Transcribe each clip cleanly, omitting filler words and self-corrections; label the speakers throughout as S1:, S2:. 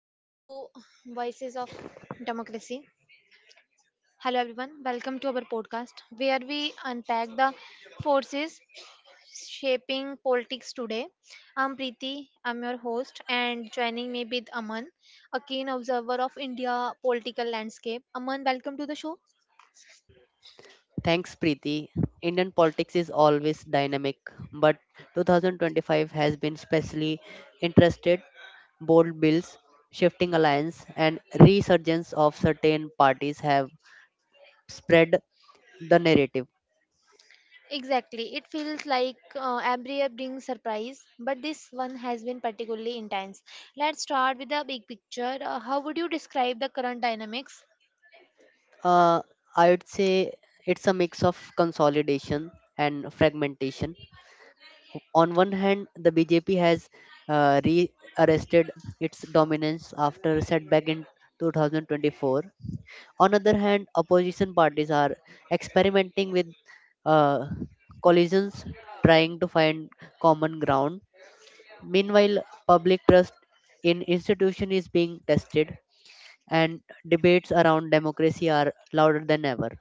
S1: Welcome to Voices of Democracy. Hello, everyone. Welcome to our podcast where we unpack the forces shaping politics today. I'm Preeti, I'm your host, and joining me with Aman, a keen observer of India political landscape. Aman, welcome to the show.
S2: Thanks, Preeti. Indian politics is always dynamic, but 2025 has been especially interested. Bold bills, shifting alliance, and resurgence of certain parties have spread the narrative.
S1: Exactly. It feels like every year brings surprise, but this one has been particularly intense. Let's start with the big picture. How would you describe the current dynamics.
S2: Uh, I would say it's a mix of consolidation and fragmentation. On one hand, the BJP has re-arrested its dominance after setback in 2024. On other hand, opposition parties are experimenting with uh, collisions, trying to find common ground. Meanwhile, public trust in institution is being tested, and debates around democracy are louder than ever.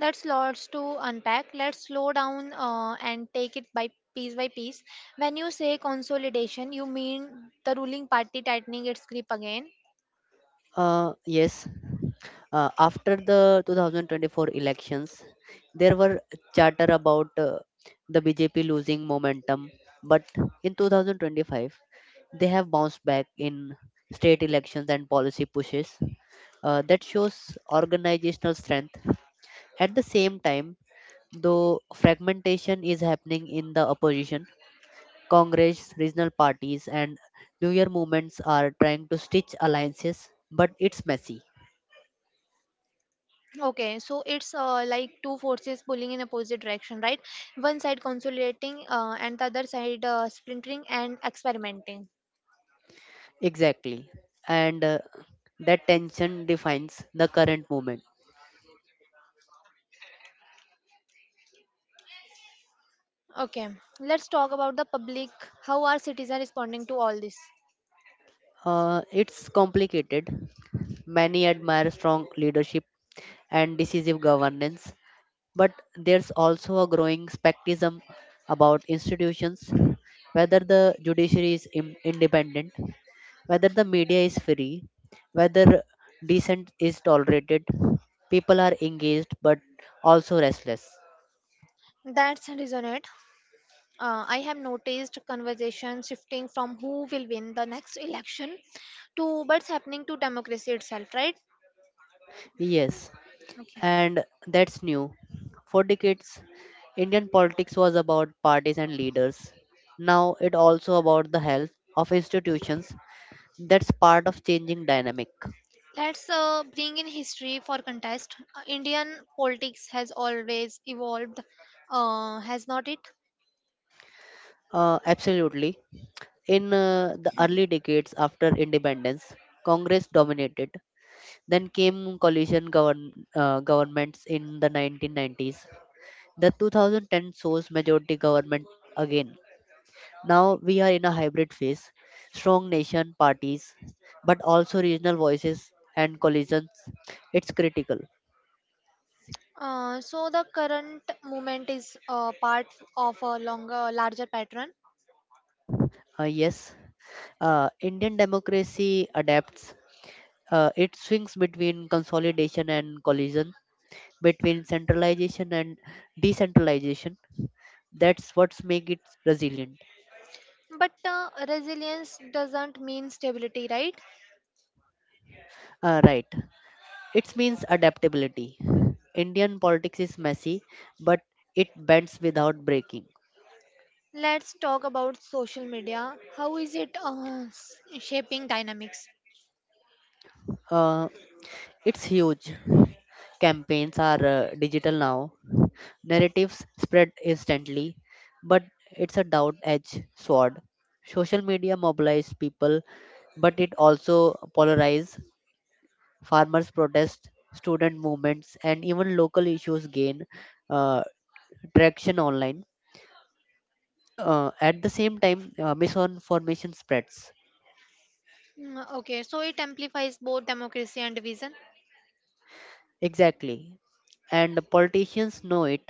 S1: That's lots to unpack. Let's slow down and take it by piece by piece. When you say consolidation, you mean the ruling party tightening its grip again.
S2: Yes, after the 2024 elections, there were chatter about the BJP losing momentum, but in 2025 they have bounced back in state elections and policy pushes, that shows organizational strength. At the same time, though, fragmentation is happening in the opposition: congress, regional parties, and new year movements are trying to stitch alliances, but it's messy.
S1: Okay, so it's like two forces pulling in opposite direction, right? One side consolidating and the other side splintering and experimenting.
S2: Exactly. And that tension defines the current movement.
S1: Okay, let's talk about the public. How are citizens responding to all this?
S2: It's complicated. Many admire strong leadership and decisive governance. But there's also a growing skepticism about institutions, whether the judiciary is independent, whether the media is free, whether dissent is tolerated. People are engaged but also restless.
S1: That's resonant. I have noticed conversation shifting from who will win the next election to what's happening to democracy itself, right?
S2: Yes,
S1: Okay.
S2: and that's new. For decades, Indian politics was about parties and leaders. Now it also about the health of institutions. That's part of changing dynamic.
S1: Let's bring in history for contest. Indian politics has always evolved, has not it?
S2: Absolutely. In the early decades after independence, Congress dominated. Then came coalition governments in the 1990s. The 2010 shows majority government again. Now we are in a hybrid phase: strong nation parties, but also regional voices and coalitions. It's critical.
S1: So the current movement is part of a longer, larger pattern.
S2: Yes, Indian democracy adapts. It swings between consolidation and collision, between centralization and decentralization. That's what's make it resilient.
S1: But resilience doesn't mean stability, right?
S2: Right. It means adaptability. Indian politics is messy, but it bends without breaking.
S1: Let's talk about social media. How is it shaping dynamics?
S2: uh, it's huge. Campaigns are digital now. Narratives spread instantly, but it's a double edged sword. Social media mobilize people, but it also polarize. Farmers' protests, student movements, and even local issues gain uh, traction online. At the same time, misinformation spreads.
S1: Mm, okay, so it amplifies both democracy and division.
S2: Exactly. And the politicians know it.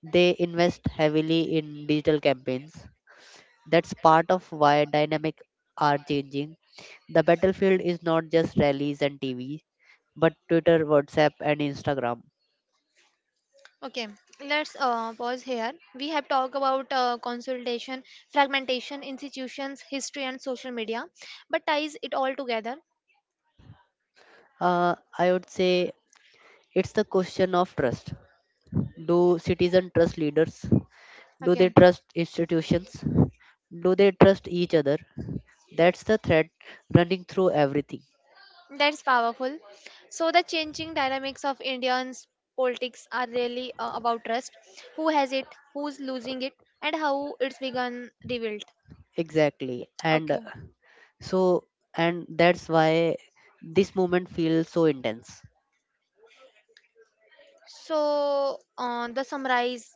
S2: They invest heavily in digital campaigns. That's part of why dynamic are changing. The battlefield is not just rallies and TV, but Twitter, WhatsApp, and Instagram.
S1: Okay, let's pause here. We have talked about consolidation, fragmentation, institutions, history, and social media, but ties it all together.
S2: I would say it's the question of trust. Do citizens trust leaders? Do they
S1: Okay,
S2: trust institutions? Do they trust each other? That's the thread running through everything.
S1: that's powerful. So, the changing dynamics of Indians' politics are really about trust. Who has it, who's losing it, and how it's begun rebuilt.
S2: Exactly.
S1: Okay.
S2: So, and that's why this moment feels so intense.
S1: So, the summarize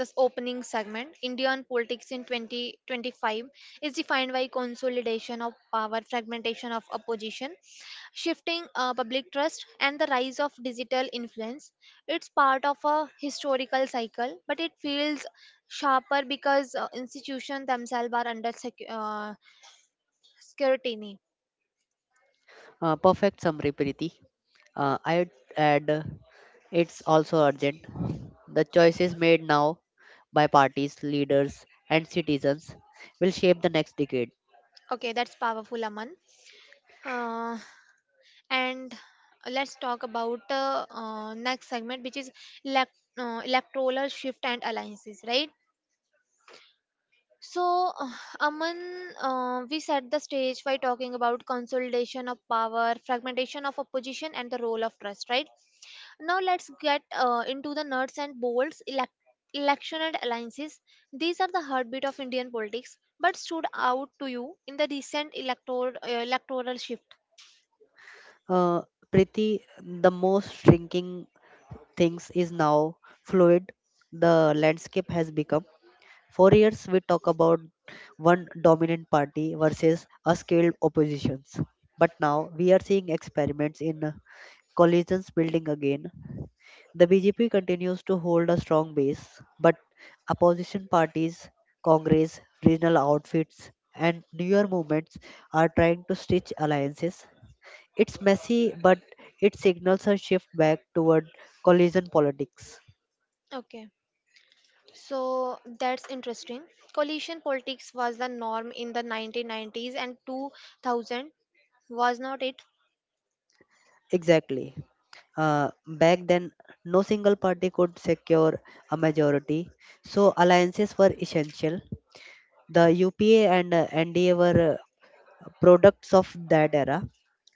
S1: this opening segment Indian politics in 2025 is defined by consolidation of power, fragmentation of opposition, shifting public trust, and the rise of digital influence. It's part of a historical cycle, but it feels sharper because institutions themselves are under scrutiny.
S2: Perfect summary, Preeti. I'd add it's also urgent. The choices made now by parties, leaders, and citizens will shape the next decade.
S1: Okay, that's powerful, Aman. Uh, and let's talk about next segment, which is electoral shift and alliances, right? so uh, Aman, we set the stage by talking about consolidation of power, fragmentation of opposition, and the role of trust, right? Now let's get into the nuts and bolts. Election and alliances, these are the heartbeat of Indian politics, but stood out to you in the recent electoral shift.
S2: Uh, Priti, the most shrinking things is now fluid. The landscape has become. For years, we talk about one dominant party versus a scaled oppositions. But now we are seeing experiments in coalitions building again. The BJP continues to hold a strong base, but opposition parties, Congress, regional outfits, and newer movements are trying to stitch alliances. It's messy, but it signals a shift back toward coalition politics.
S1: Okay, so that's interesting. Coalition politics was the norm in the 1990s and 2000, was not it?
S2: Exactly. Back then, no single party could secure a majority, so alliances were essential. The UPA and NDA were products of that era.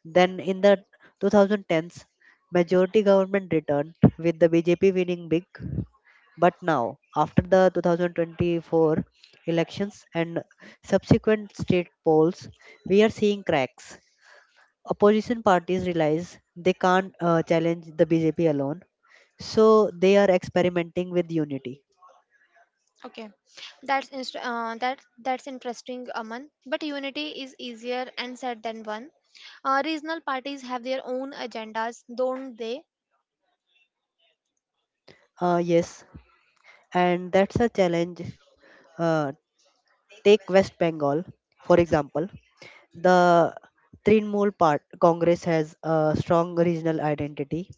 S2: Then, in the 2010s, majority government returned with the BJP winning big. But now, after the 2024 elections and subsequent state polls, we are seeing cracks. Opposition parties realize they can't challenge the BJP alone, so they are experimenting with unity.
S1: Okay, that's that's interesting, Aman. But unity is easier and said than one. Regional parties have their own agendas, don't they?
S2: Yes, and that's a challenge. Uh, Take West Bengal, for example. The Trinamool part Congress has a strong regional identity.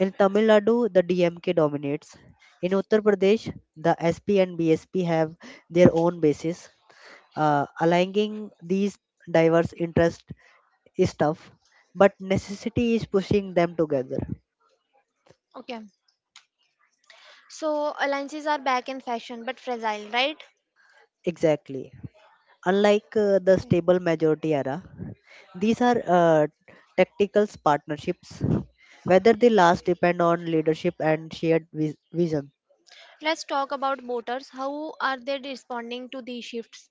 S2: In Tamil Nadu, the DMK dominates. In Uttar Pradesh, the SP and BSP have their own bases. Aligning these diverse interests is tough, but necessity is pushing them together.
S1: Okay. So alliances are back in fashion, but fragile, right?
S2: Exactly. Unlike the
S1: Okay.
S2: stable majority era, these are tactical partnerships, whether they last depend on leadership and shared vision.
S1: Let's talk about voters. How are they responding to these shifts?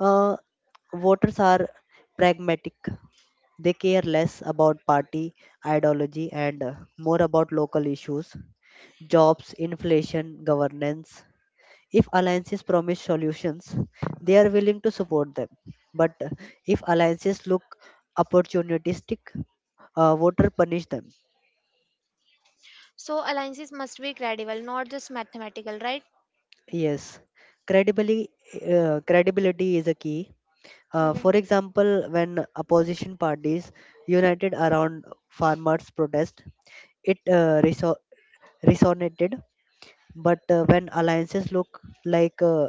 S2: Uh, Voters are pragmatic. They care less about party ideology and more about local issues, jobs, inflation, governance. If alliances promise solutions, they are willing to support them. But if alliances look opportunistic, voter punish them.
S1: So alliances must be credible, not just mathematical, right?
S2: Yes, credibility credibility is a key. For
S1: Okay,
S2: example, when opposition parties united around farmers' protest, it resonated. But when alliances look like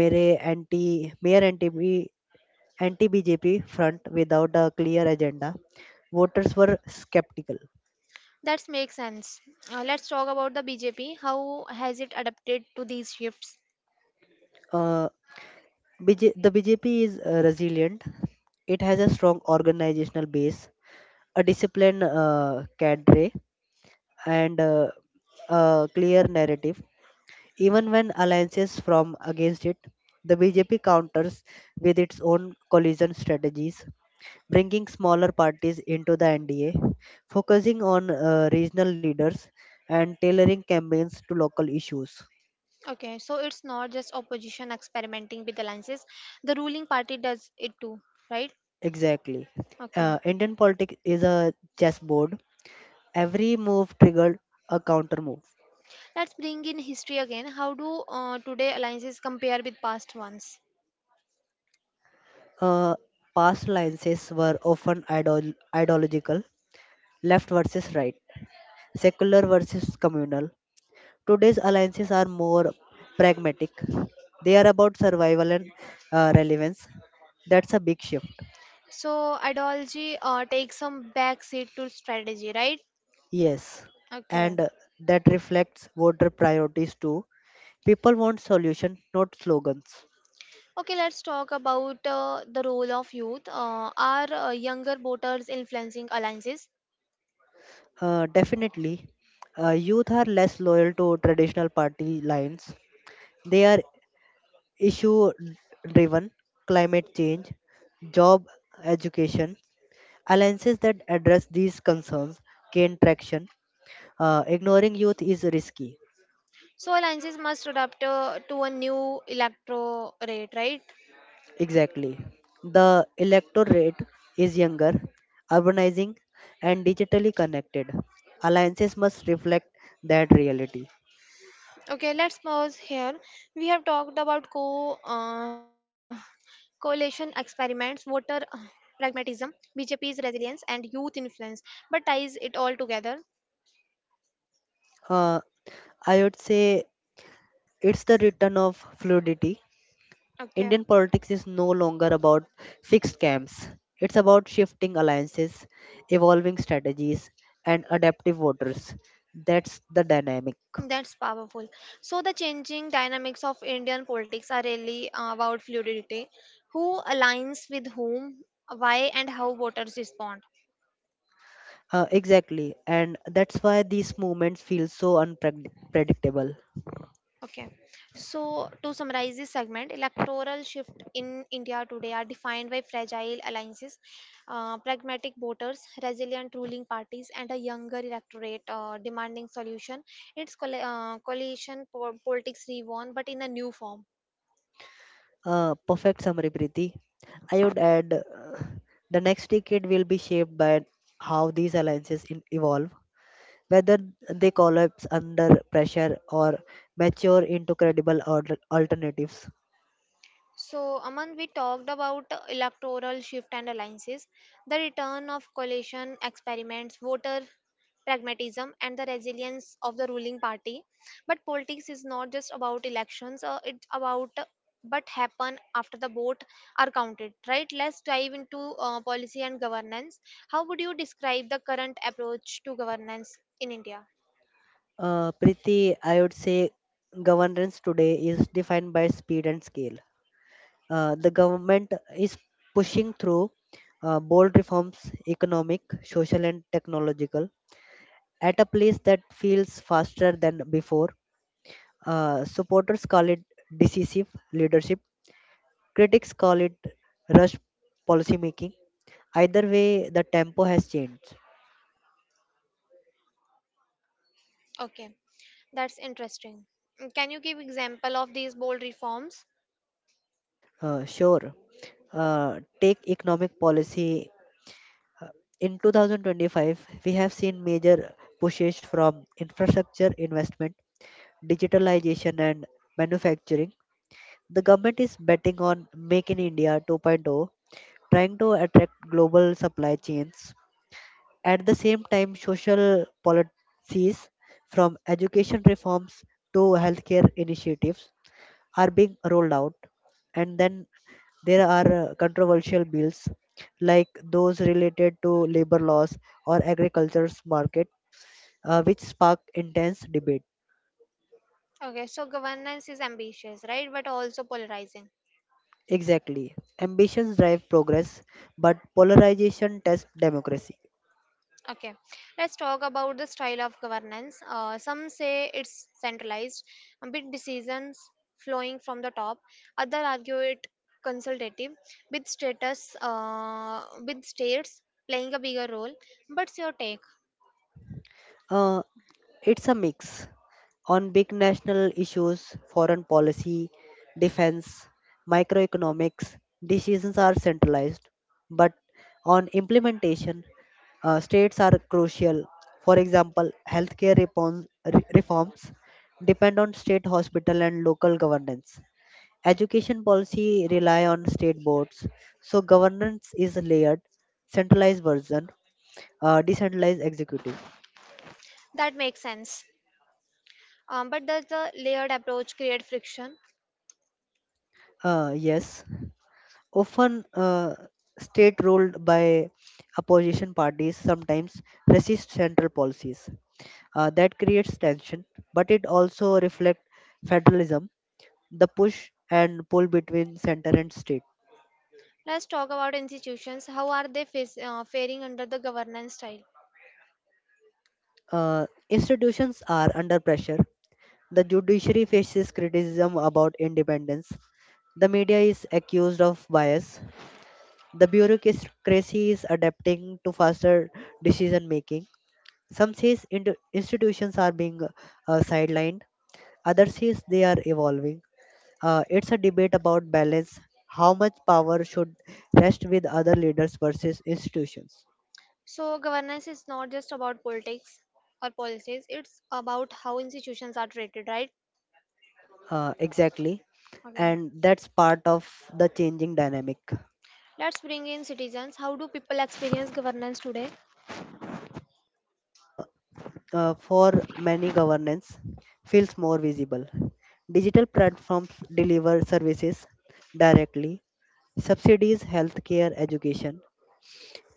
S2: mere anti anti BJP front without a clear agenda, voters were skeptical.
S1: that makes sense. Let's talk about the BJP. How has it adapted to these shifts?
S2: Uh, BJ, the BJP is resilient. It has a strong organizational base, a disciplined cadre, and a clear narrative. Even when alliances from against it, the BJP counters with its own collision strategies, bringing smaller parties into the NDA, focusing on regional leaders, and tailoring campaigns to local issues.
S1: Okay, so it's not just opposition experimenting with alliances, the ruling party does it too, right?
S2: Exactly.
S1: Okay,
S2: Indian politics is a chessboard. Every move triggered a counter move.
S1: let's bring in history again. How do today alliances compare with past ones?
S2: Uh, Past alliances were often ideological, left versus right, secular versus communal. Today's alliances are more pragmatic. They are about survival and relevance. That's a big shift.
S1: So ideology takes some back seat to strategy, right?
S2: Yes,
S1: Okay.
S2: and that reflects voter priorities too. People want solutions, not slogans.
S1: Okay, let's talk about the role of youth. Are younger voters influencing alliances?
S2: Definitely. Youth are less loyal to traditional party lines. They are issue driven: climate change, job, education. Alliances that address these concerns gain traction. Ignoring youth is risky.
S1: So alliances must adapt to a new electorate, right?
S2: Exactly. The electorate is younger, urbanizing, and digitally connected. Alliances must reflect that reality.
S1: Okay, let's pause here. We have talked about co coalition experiments, voter pragmatism, BJP's resilience, and youth influence. But ties it all together.
S2: Uh, I would say it's the return of fluidity.
S1: Okay,
S2: Indian politics is no longer about fixed camps. It's about shifting alliances, evolving strategies, and adaptive voters. That's the dynamic.
S1: that's powerful. So the changing dynamics of Indian politics are really about fluidity. Who aligns with whom, why, and how voters respond.
S2: Exactly, and that's why these movements feel so unpredictable.
S1: Okay. So, to summarize this segment, electoral shift in India today are defined by fragile alliances, pragmatic voters, resilient ruling parties, and a younger electorate demanding solution. It's coalition politics reborn, but in a new form.
S2: Perfect summary, Preeti. I would add the next decade will be shaped by how these alliances evolve, whether they collapse under pressure or mature into credible alternatives.
S1: So, Aman, we talked about electoral shift and alliances, the return of coalition experiments, voter pragmatism, and the resilience of the ruling party. But politics is not just about elections, it's about what happen after the vote are counted, right? Let's dive into policy and governance. How would you describe the current approach to governance in India?
S2: Preeti, I would say governance today is defined by speed and scale. The government is pushing through bold reforms, economic, social, and technological, at a pace that feels faster than before. Supporters call it decisive leadership. Critics call it rush policy making. Either way, the tempo has changed.
S1: Okay, that's interesting. Can you give example of these bold reforms?
S2: Sure. Take economic policy. Uh, In 2025, we have seen major pushes from infrastructure investment, digitalization, and manufacturing. The government is betting on Make in India 2.0, trying to attract global supply chains. At the same time, social policies from education reforms to healthcare initiatives are being rolled out. And then there are controversial bills like those related to labor laws or agriculture's market, which spark intense debate.
S1: Okay, so governance is ambitious, right? But also polarizing.
S2: Exactly. Ambitions drive progress, but polarization tests democracy.
S1: Okay, let's talk about the style of governance. Some say it's centralized, a bit decisions flowing from the top. Other argue it consultative, with states playing a bigger role. What's your take?
S2: Uh, it's a mix. On big national issues, foreign policy, defense, microeconomics, decisions are centralized, but on implementation, states are crucial. For example, healthcare reforms depend on state hospital and local governance. Education policy rely on state boards, so governance is layered: centralized version, decentralized executive.
S1: That makes sense. But does the layered approach create friction?
S2: Yes. Often state ruled by opposition parties sometimes resist central policies. That creates tension, but it also reflects federalism, the push and pull between center and state.
S1: Let's talk about institutions. How are they faring under the governance style?
S2: Institutions are under pressure. The judiciary faces criticism about independence. The media is accused of bias. The bureaucracy is adapting to faster decision making. Some says institutions are being sidelined, others says they are evolving. It's a debate about balance, how much power should rest with other leaders versus institutions.
S1: So, governance is not just about politics or policies, it's about how institutions are treated, right?
S2: Exactly,
S1: Okay.
S2: and that's part of the changing dynamic.
S1: Let's bring in citizens. How do people experience governance today?
S2: Uh, for many, governance feels more visible. Digital platforms deliver services directly: subsidies, healthcare, education.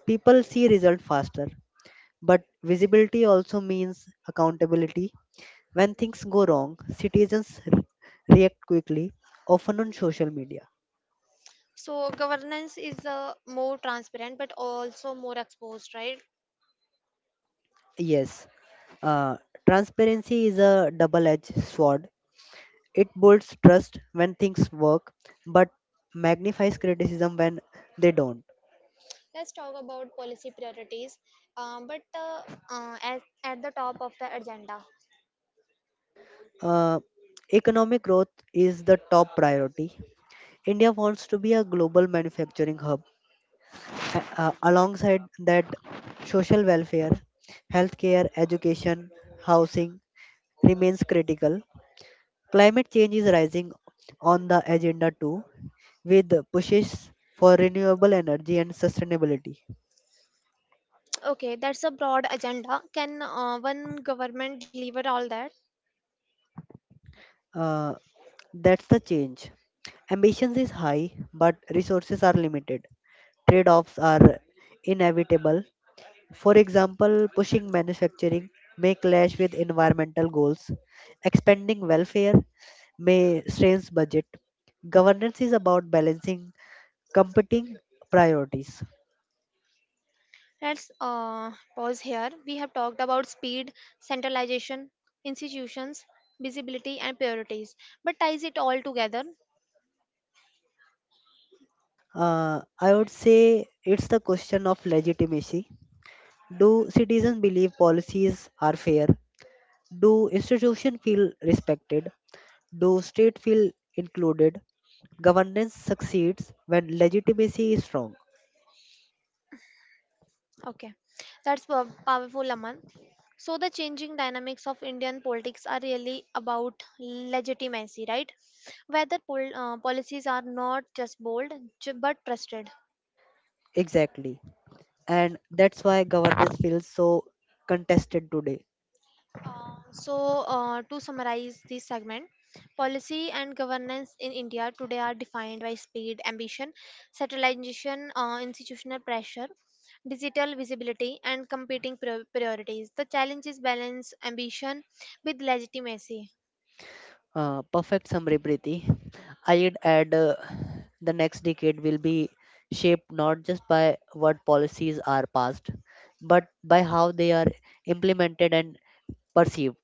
S2: People see result faster. But visibility also means accountability. When things go wrong, citizens react quickly, often on social media.
S1: So, governance is more transparent but also more exposed, right?
S2: Yes, uh, transparency is a double edged sword. It builds trust when things work, but magnifies criticism when they don't.
S1: Let's talk about policy priorities, um, but uh, at the top of the agenda.
S2: Uh, Economic growth is the top priority. India wants to be a global manufacturing hub. Alongside that, social welfare, healthcare, education, housing remains critical. Climate change is rising on the agenda too, with pushes for renewable energy and sustainability.
S1: Okay, that's a broad agenda. Can one government deliver all that?
S2: Uh, that's the change. Ambitions is high, but resources are limited. Trade offs are inevitable. For example, pushing manufacturing may clash with environmental goals. Expanding welfare may strains budget. Governance is about balancing competing priorities.
S1: Let's pause here. We have talked about speed, centralization, institutions, visibility, and priorities, but ties it all together.
S2: I would say it's the question of legitimacy. Do citizens believe policies are fair? Do institutions feel respected? Do state feel included? Governance succeeds when legitimacy is strong.
S1: Okay, that's powerful, Aman. So, the changing dynamics of Indian politics are really about legitimacy, right? Whether policies are not just bold but trusted.
S2: Exactly. And that's why governance feels so contested today.
S1: Uh, so, to summarize this segment, policy and governance in India today are defined by speed, ambition, centralization, institutional pressure, digital visibility, and competing priorities. The challenge is balance ambition with legitimacy.
S2: Perfect summary, Preeti. I'd add the next decade will be shaped not just by what policies are passed, but by how they are implemented and perceived.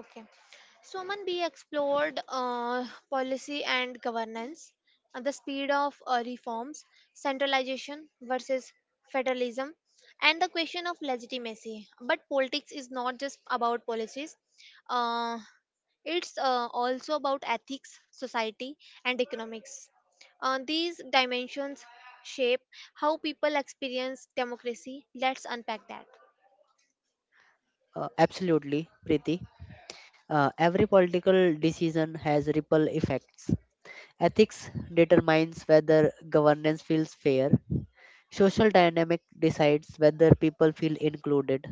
S1: Okay. So Soman B explored policy and governance, the speed of reforms, centralization versus federalism, and the question of legitimacy. But politics is not just about policies, uh, it's also about ethics, society, and economics. These dimensions shape how people experience democracy. Let's unpack that.
S2: Absolutely, Preeti. Every political decision has ripple effects. Ethics determines whether governance feels fair. Social dynamic decides whether people feel included.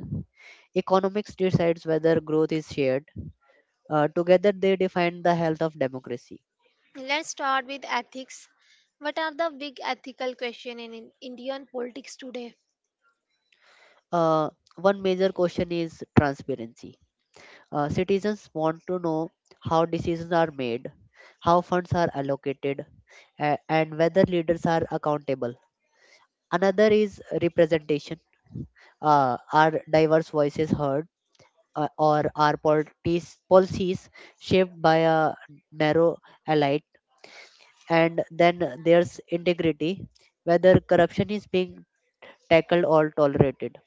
S2: Economics decides whether growth is shared. Together, they define the health of democracy.
S1: Let's start with ethics. What are the big ethical questions in Indian politics today?
S2: Uh, One major question is transparency. Citizens want to know how decisions are made, how funds are allocated, and whether leaders are accountable. Another is representation. Are diverse voices heard, or are policies shaped by a narrow elite? And then there's integrity, whether corruption is being tackled or tolerated.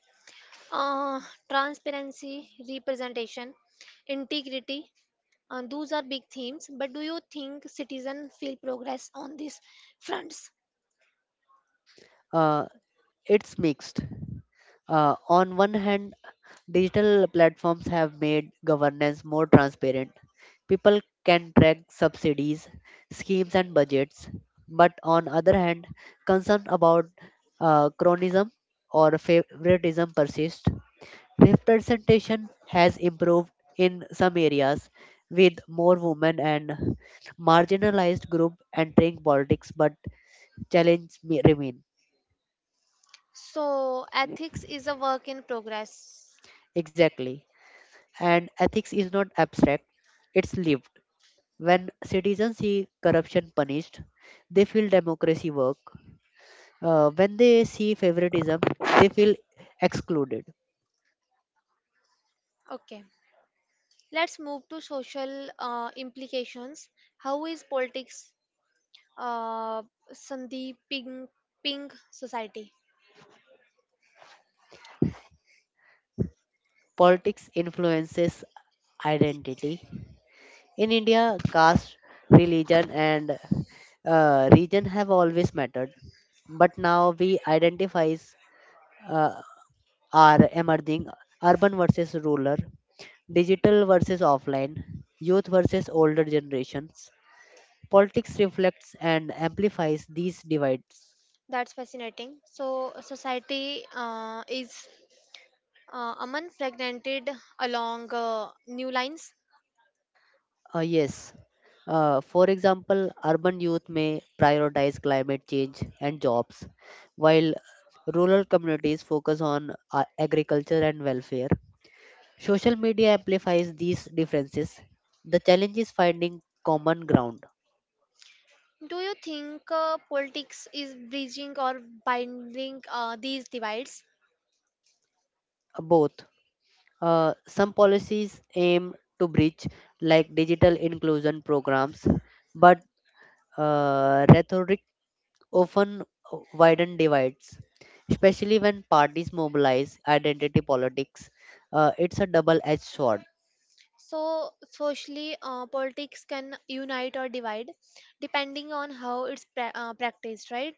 S1: Uh, transparency, representation, integrity. Those are big themes. But do you think citizens feel progress on these fronts?
S2: Uh, it's mixed. On one hand, digital platforms have made governance more transparent. People can track subsidies, schemes, and budgets. But on other hand, concern about cronyism or favoritism persist. Representation has improved in some areas, with more women and marginalized group entering politics, but challenges may remain.
S1: So, ethics is a work in progress.
S2: Exactly. And ethics is not abstract, it's lived. When citizens see corruption punished, they feel democracy work. When they see favoritism, they feel excluded.
S1: Okay. Let's move to social implications. How is politics uh, Sandeep Ping, Ping society?
S2: Politics influences identity. In India, caste, religion, and region have always mattered, but now we identify uh, are emerging urban versus rural, digital versus offline, youth versus older generations. Politics reflects and amplifies these divides.
S1: That's fascinating. So, society is unfragmented along new lines.
S2: Yes. For example, urban youth may prioritize climate change and jobs, while rural communities focus on agriculture and welfare. Social media amplifies these differences. The challenge is finding common ground.
S1: Do you think politics is bridging or binding these divides?
S2: Both. Some policies aim to bridge, like digital inclusion programs, but rhetoric often widen divides, especially when parties mobilize identity politics. It's a double edged sword.
S1: So, socially, politics can unite or divide depending on how it's practiced, right?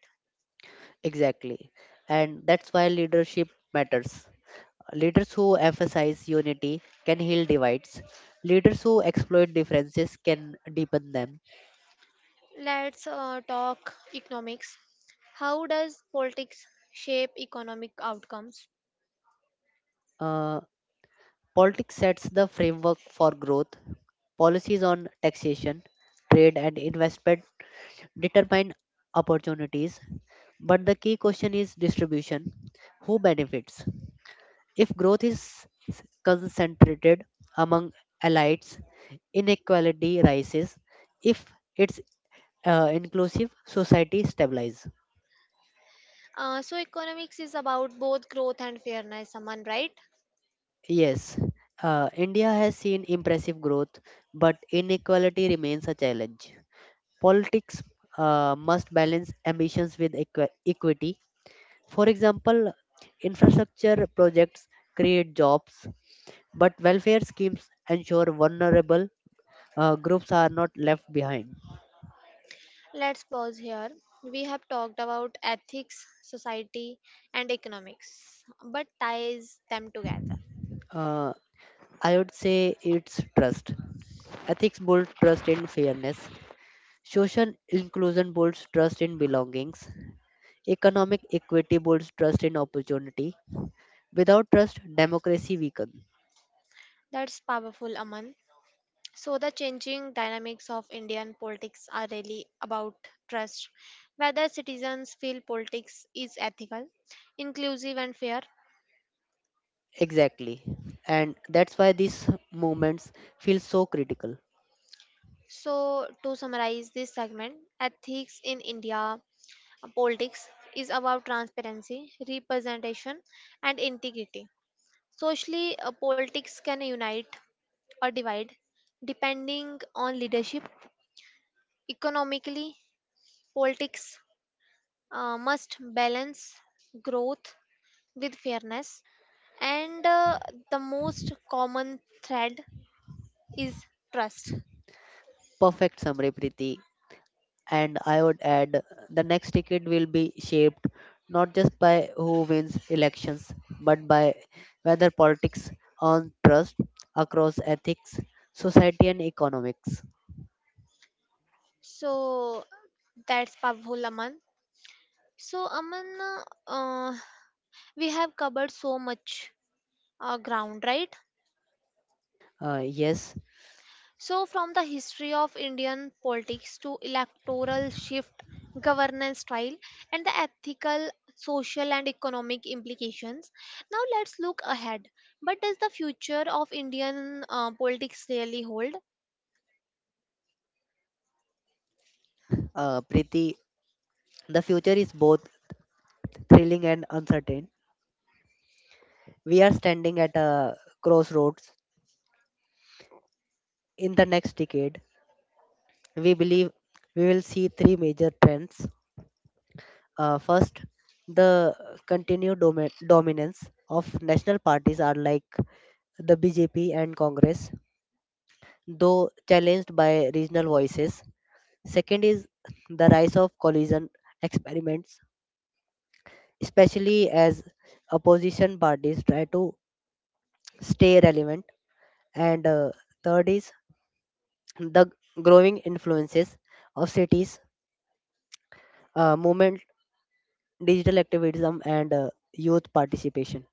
S2: Exactly. And that's why leadership matters. Leaders who emphasize unity can heal divides. Leaders who exploit differences can deepen them.
S1: Let's talk economics. How does politics shape economic outcomes?
S2: Uh, Politics sets the framework for growth. Policies on taxation, trade, and investment determine opportunities. But the key question is distribution. Who benefits? If growth is concentrated among elites, inequality rises. If it's inclusive, society stabilizes.
S1: So economics is about both growth and fairness, Aman, right?
S2: Yes, India has seen impressive growth, but inequality remains a challenge. Politics must balance ambitions with equity. For example, infrastructure projects create jobs, but welfare schemes ensure vulnerable groups are not left behind.
S1: Let's pause here. We have talked about ethics, society, and economics, but ties them together.
S2: Uh, I would say it's trust. Ethics build trust in fairness. Social inclusion builds trust in belongings. Economic equity builds trust in opportunity. Without trust, democracy weakens.
S1: That's powerful, Aman. So the changing dynamics of Indian politics are really about trust. Whether citizens feel politics is ethical, inclusive, and fair.
S2: Exactly. And that's why these movements feel so critical.
S1: So to summarize this segment, ethics in India politics is about transparency, representation, and integrity. Socially, politics can unite or divide depending on leadership. Economically, politics must balance growth with fairness, and the most common thread is trust.
S2: Perfect summary, Preeti. And I would add the next ticket will be shaped not just by who wins elections, but by whether politics earn trust across ethics, society, and economics.
S1: So that's powerful, Aman. So, Aman, uh, we have covered so much ground, right?
S2: Yes,
S1: So, from the history of Indian politics to electoral shift, governance style, and the ethical, social, and economic implications. Now, let's look ahead. But does the future of Indian politics really hold?
S2: Preeti, the future is both thrilling and uncertain. We are standing at a crossroads in the next decade. We believe we will see three major trends. First, the continued dominance of national parties are like the BJP and Congress, though challenged by regional voices. Second is the rise of coalition experiments, especially as opposition parties try to stay relevant. And third is the growing influences of cities, movement, digital activism, and youth participation.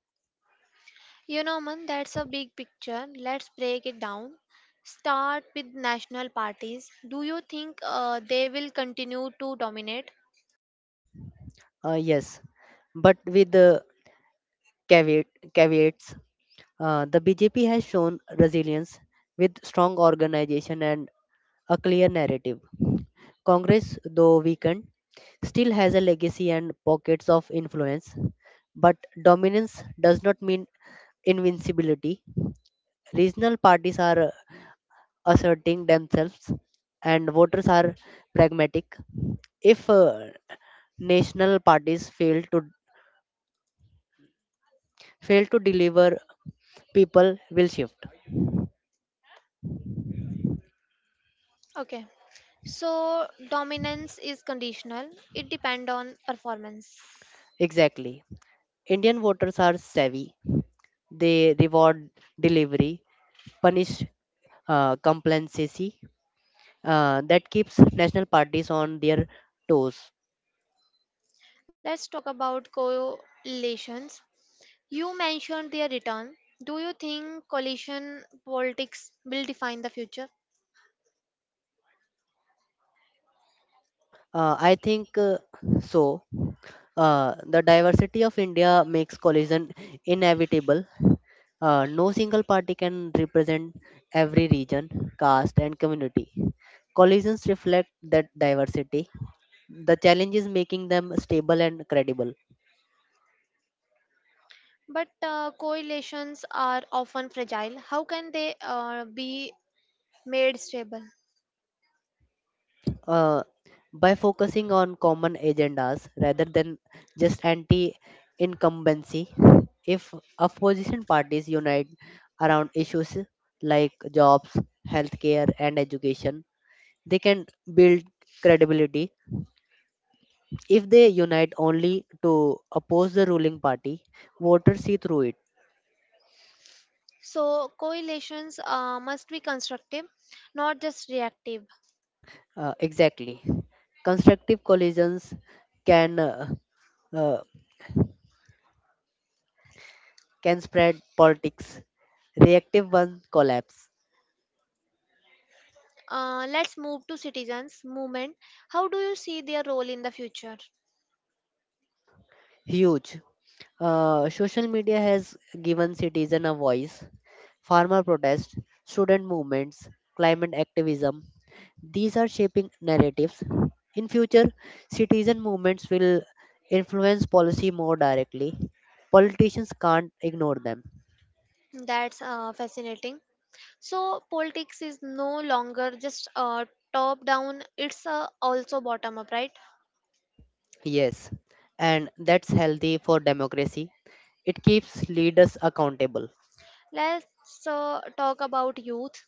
S1: You know, man, that's a big picture. Let's break it down. Start with national parties. Do you think they will continue to dominate?
S2: Yes, but with caveat, caveats. The BJP has shown resilience with strong organization and a clear narrative. Congress, though weakened, still has a legacy and pockets of influence, but dominance does not mean invincibility. Regional parties are asserting themselves, and voters are pragmatic. If national parties fail to deliver, people will shift.
S1: Okay. So dominance is conditional. It depends on performance.
S2: Exactly. Indian voters are savvy. They reward delivery, punish complacency. That keeps national parties on their toes.
S1: Let's talk about coalitions. You mentioned their return. Do you think coalition politics will define the future?
S2: I think so. The diversity of India makes collision inevitable. No single party can represent every region, caste, and community. Collisions reflect that diversity. The challenge is making them stable and credible.
S1: But coalitions are often fragile. How can they be made stable?
S2: Uh, by focusing on common agendas rather than just anti incumbency. If opposition parties unite around issues like jobs, healthcare, and education, they can build credibility. If they unite only to oppose the ruling party, voters see through it.
S1: So coalitions must be constructive, not just reactive.
S2: Exactly. Constructive collisions can uh, uh, can spread politics. Reactive ones collapse.
S1: Let's move to citizens movement. How do you see their role in the future?
S2: Huge. Social media has given citizen a voice, farmer protests, student movements, climate activism. These are shaping narratives. In future, citizen movements will influence policy more directly. Politicians can't ignore them.
S1: That's fascinating. So politics is no longer just top down; it's also bottom up, right?
S2: Yes, and that's healthy for democracy. It keeps leaders accountable.
S1: Let's talk about youth.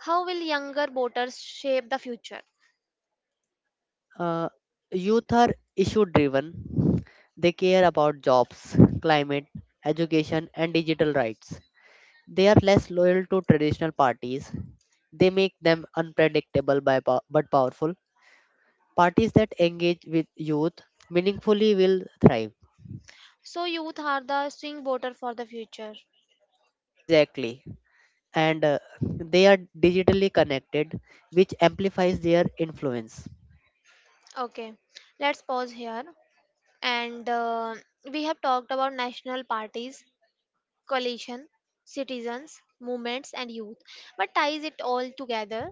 S1: How will younger voters shape the future?
S2: Uh, Youth are issue driven. They care about jobs, climate, education, and digital rights. They are less loyal to traditional parties. They make them unpredictable but powerful. Parties that engage with youth meaningfully will thrive.
S1: So youth are the swing voter for the future.
S2: Exactly. And they are digitally connected, which amplifies their influence.
S1: Okay, let's pause here. And we have talked about national parties, coalition, citizens, movements, and youth. What ties it all together.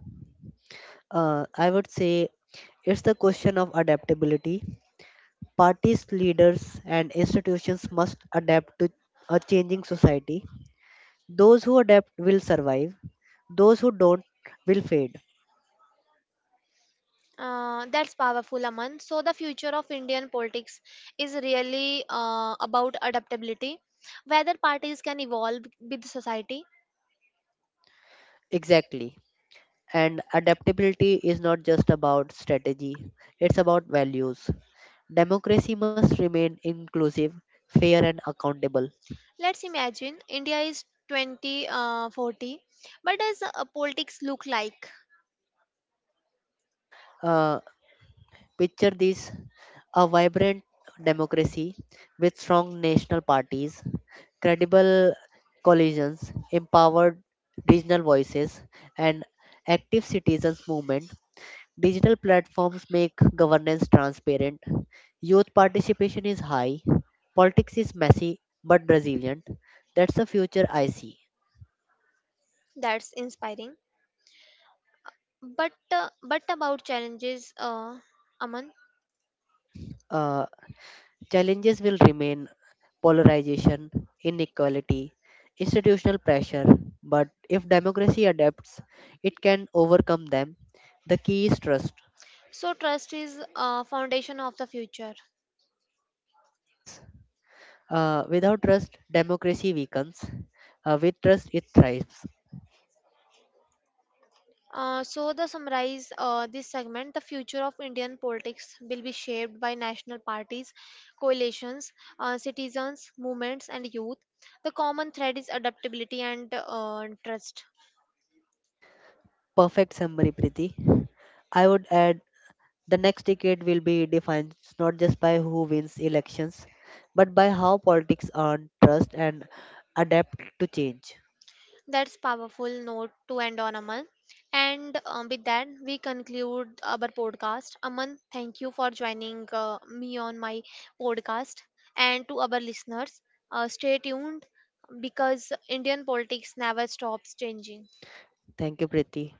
S2: I would say it's the question of adaptability. Parties, leaders, and institutions must adapt to a changing society. Those who adapt will survive, those who don't will fade.
S1: That's powerful, Aman. So, the future of Indian politics is really about adaptability, whether parties can evolve with society.
S2: Exactly. And adaptability is not just about strategy, it's about values. Democracy must remain inclusive, fair, and accountable.
S1: Let's imagine India is 2040. What does politics look like?
S2: Uh, Picture this, a vibrant democracy with strong national parties, credible coalitions, empowered regional voices, and active citizens' movement. Digital platforms make governance transparent. Youth participation is high. Politics is messy but resilient. That's the future I see.
S1: That's inspiring. But about challenges, Aman.
S2: Uh, Challenges will remain polarization, inequality, institutional pressure, but if democracy adapts, it can overcome them. The key is trust.
S1: So, trust is foundation of the future.
S2: Yes, without trust, democracy weakens. With trust, it thrives.
S1: The summarize this segment, the future of Indian politics will be shaped by national parties, coalitions, citizens, movements, and youth. The common thread is adaptability and trust.
S2: Perfect summary, Priti. I would add the next decade will be defined not just by who wins elections, but by how politics earn trust and adapt to change.
S1: That's powerful note to end on, Aman. And with that, we conclude our podcast. Aman, thank you for joining me on my podcast. And to our listeners, stay tuned because Indian politics never stops changing.
S2: Thank you, Priti.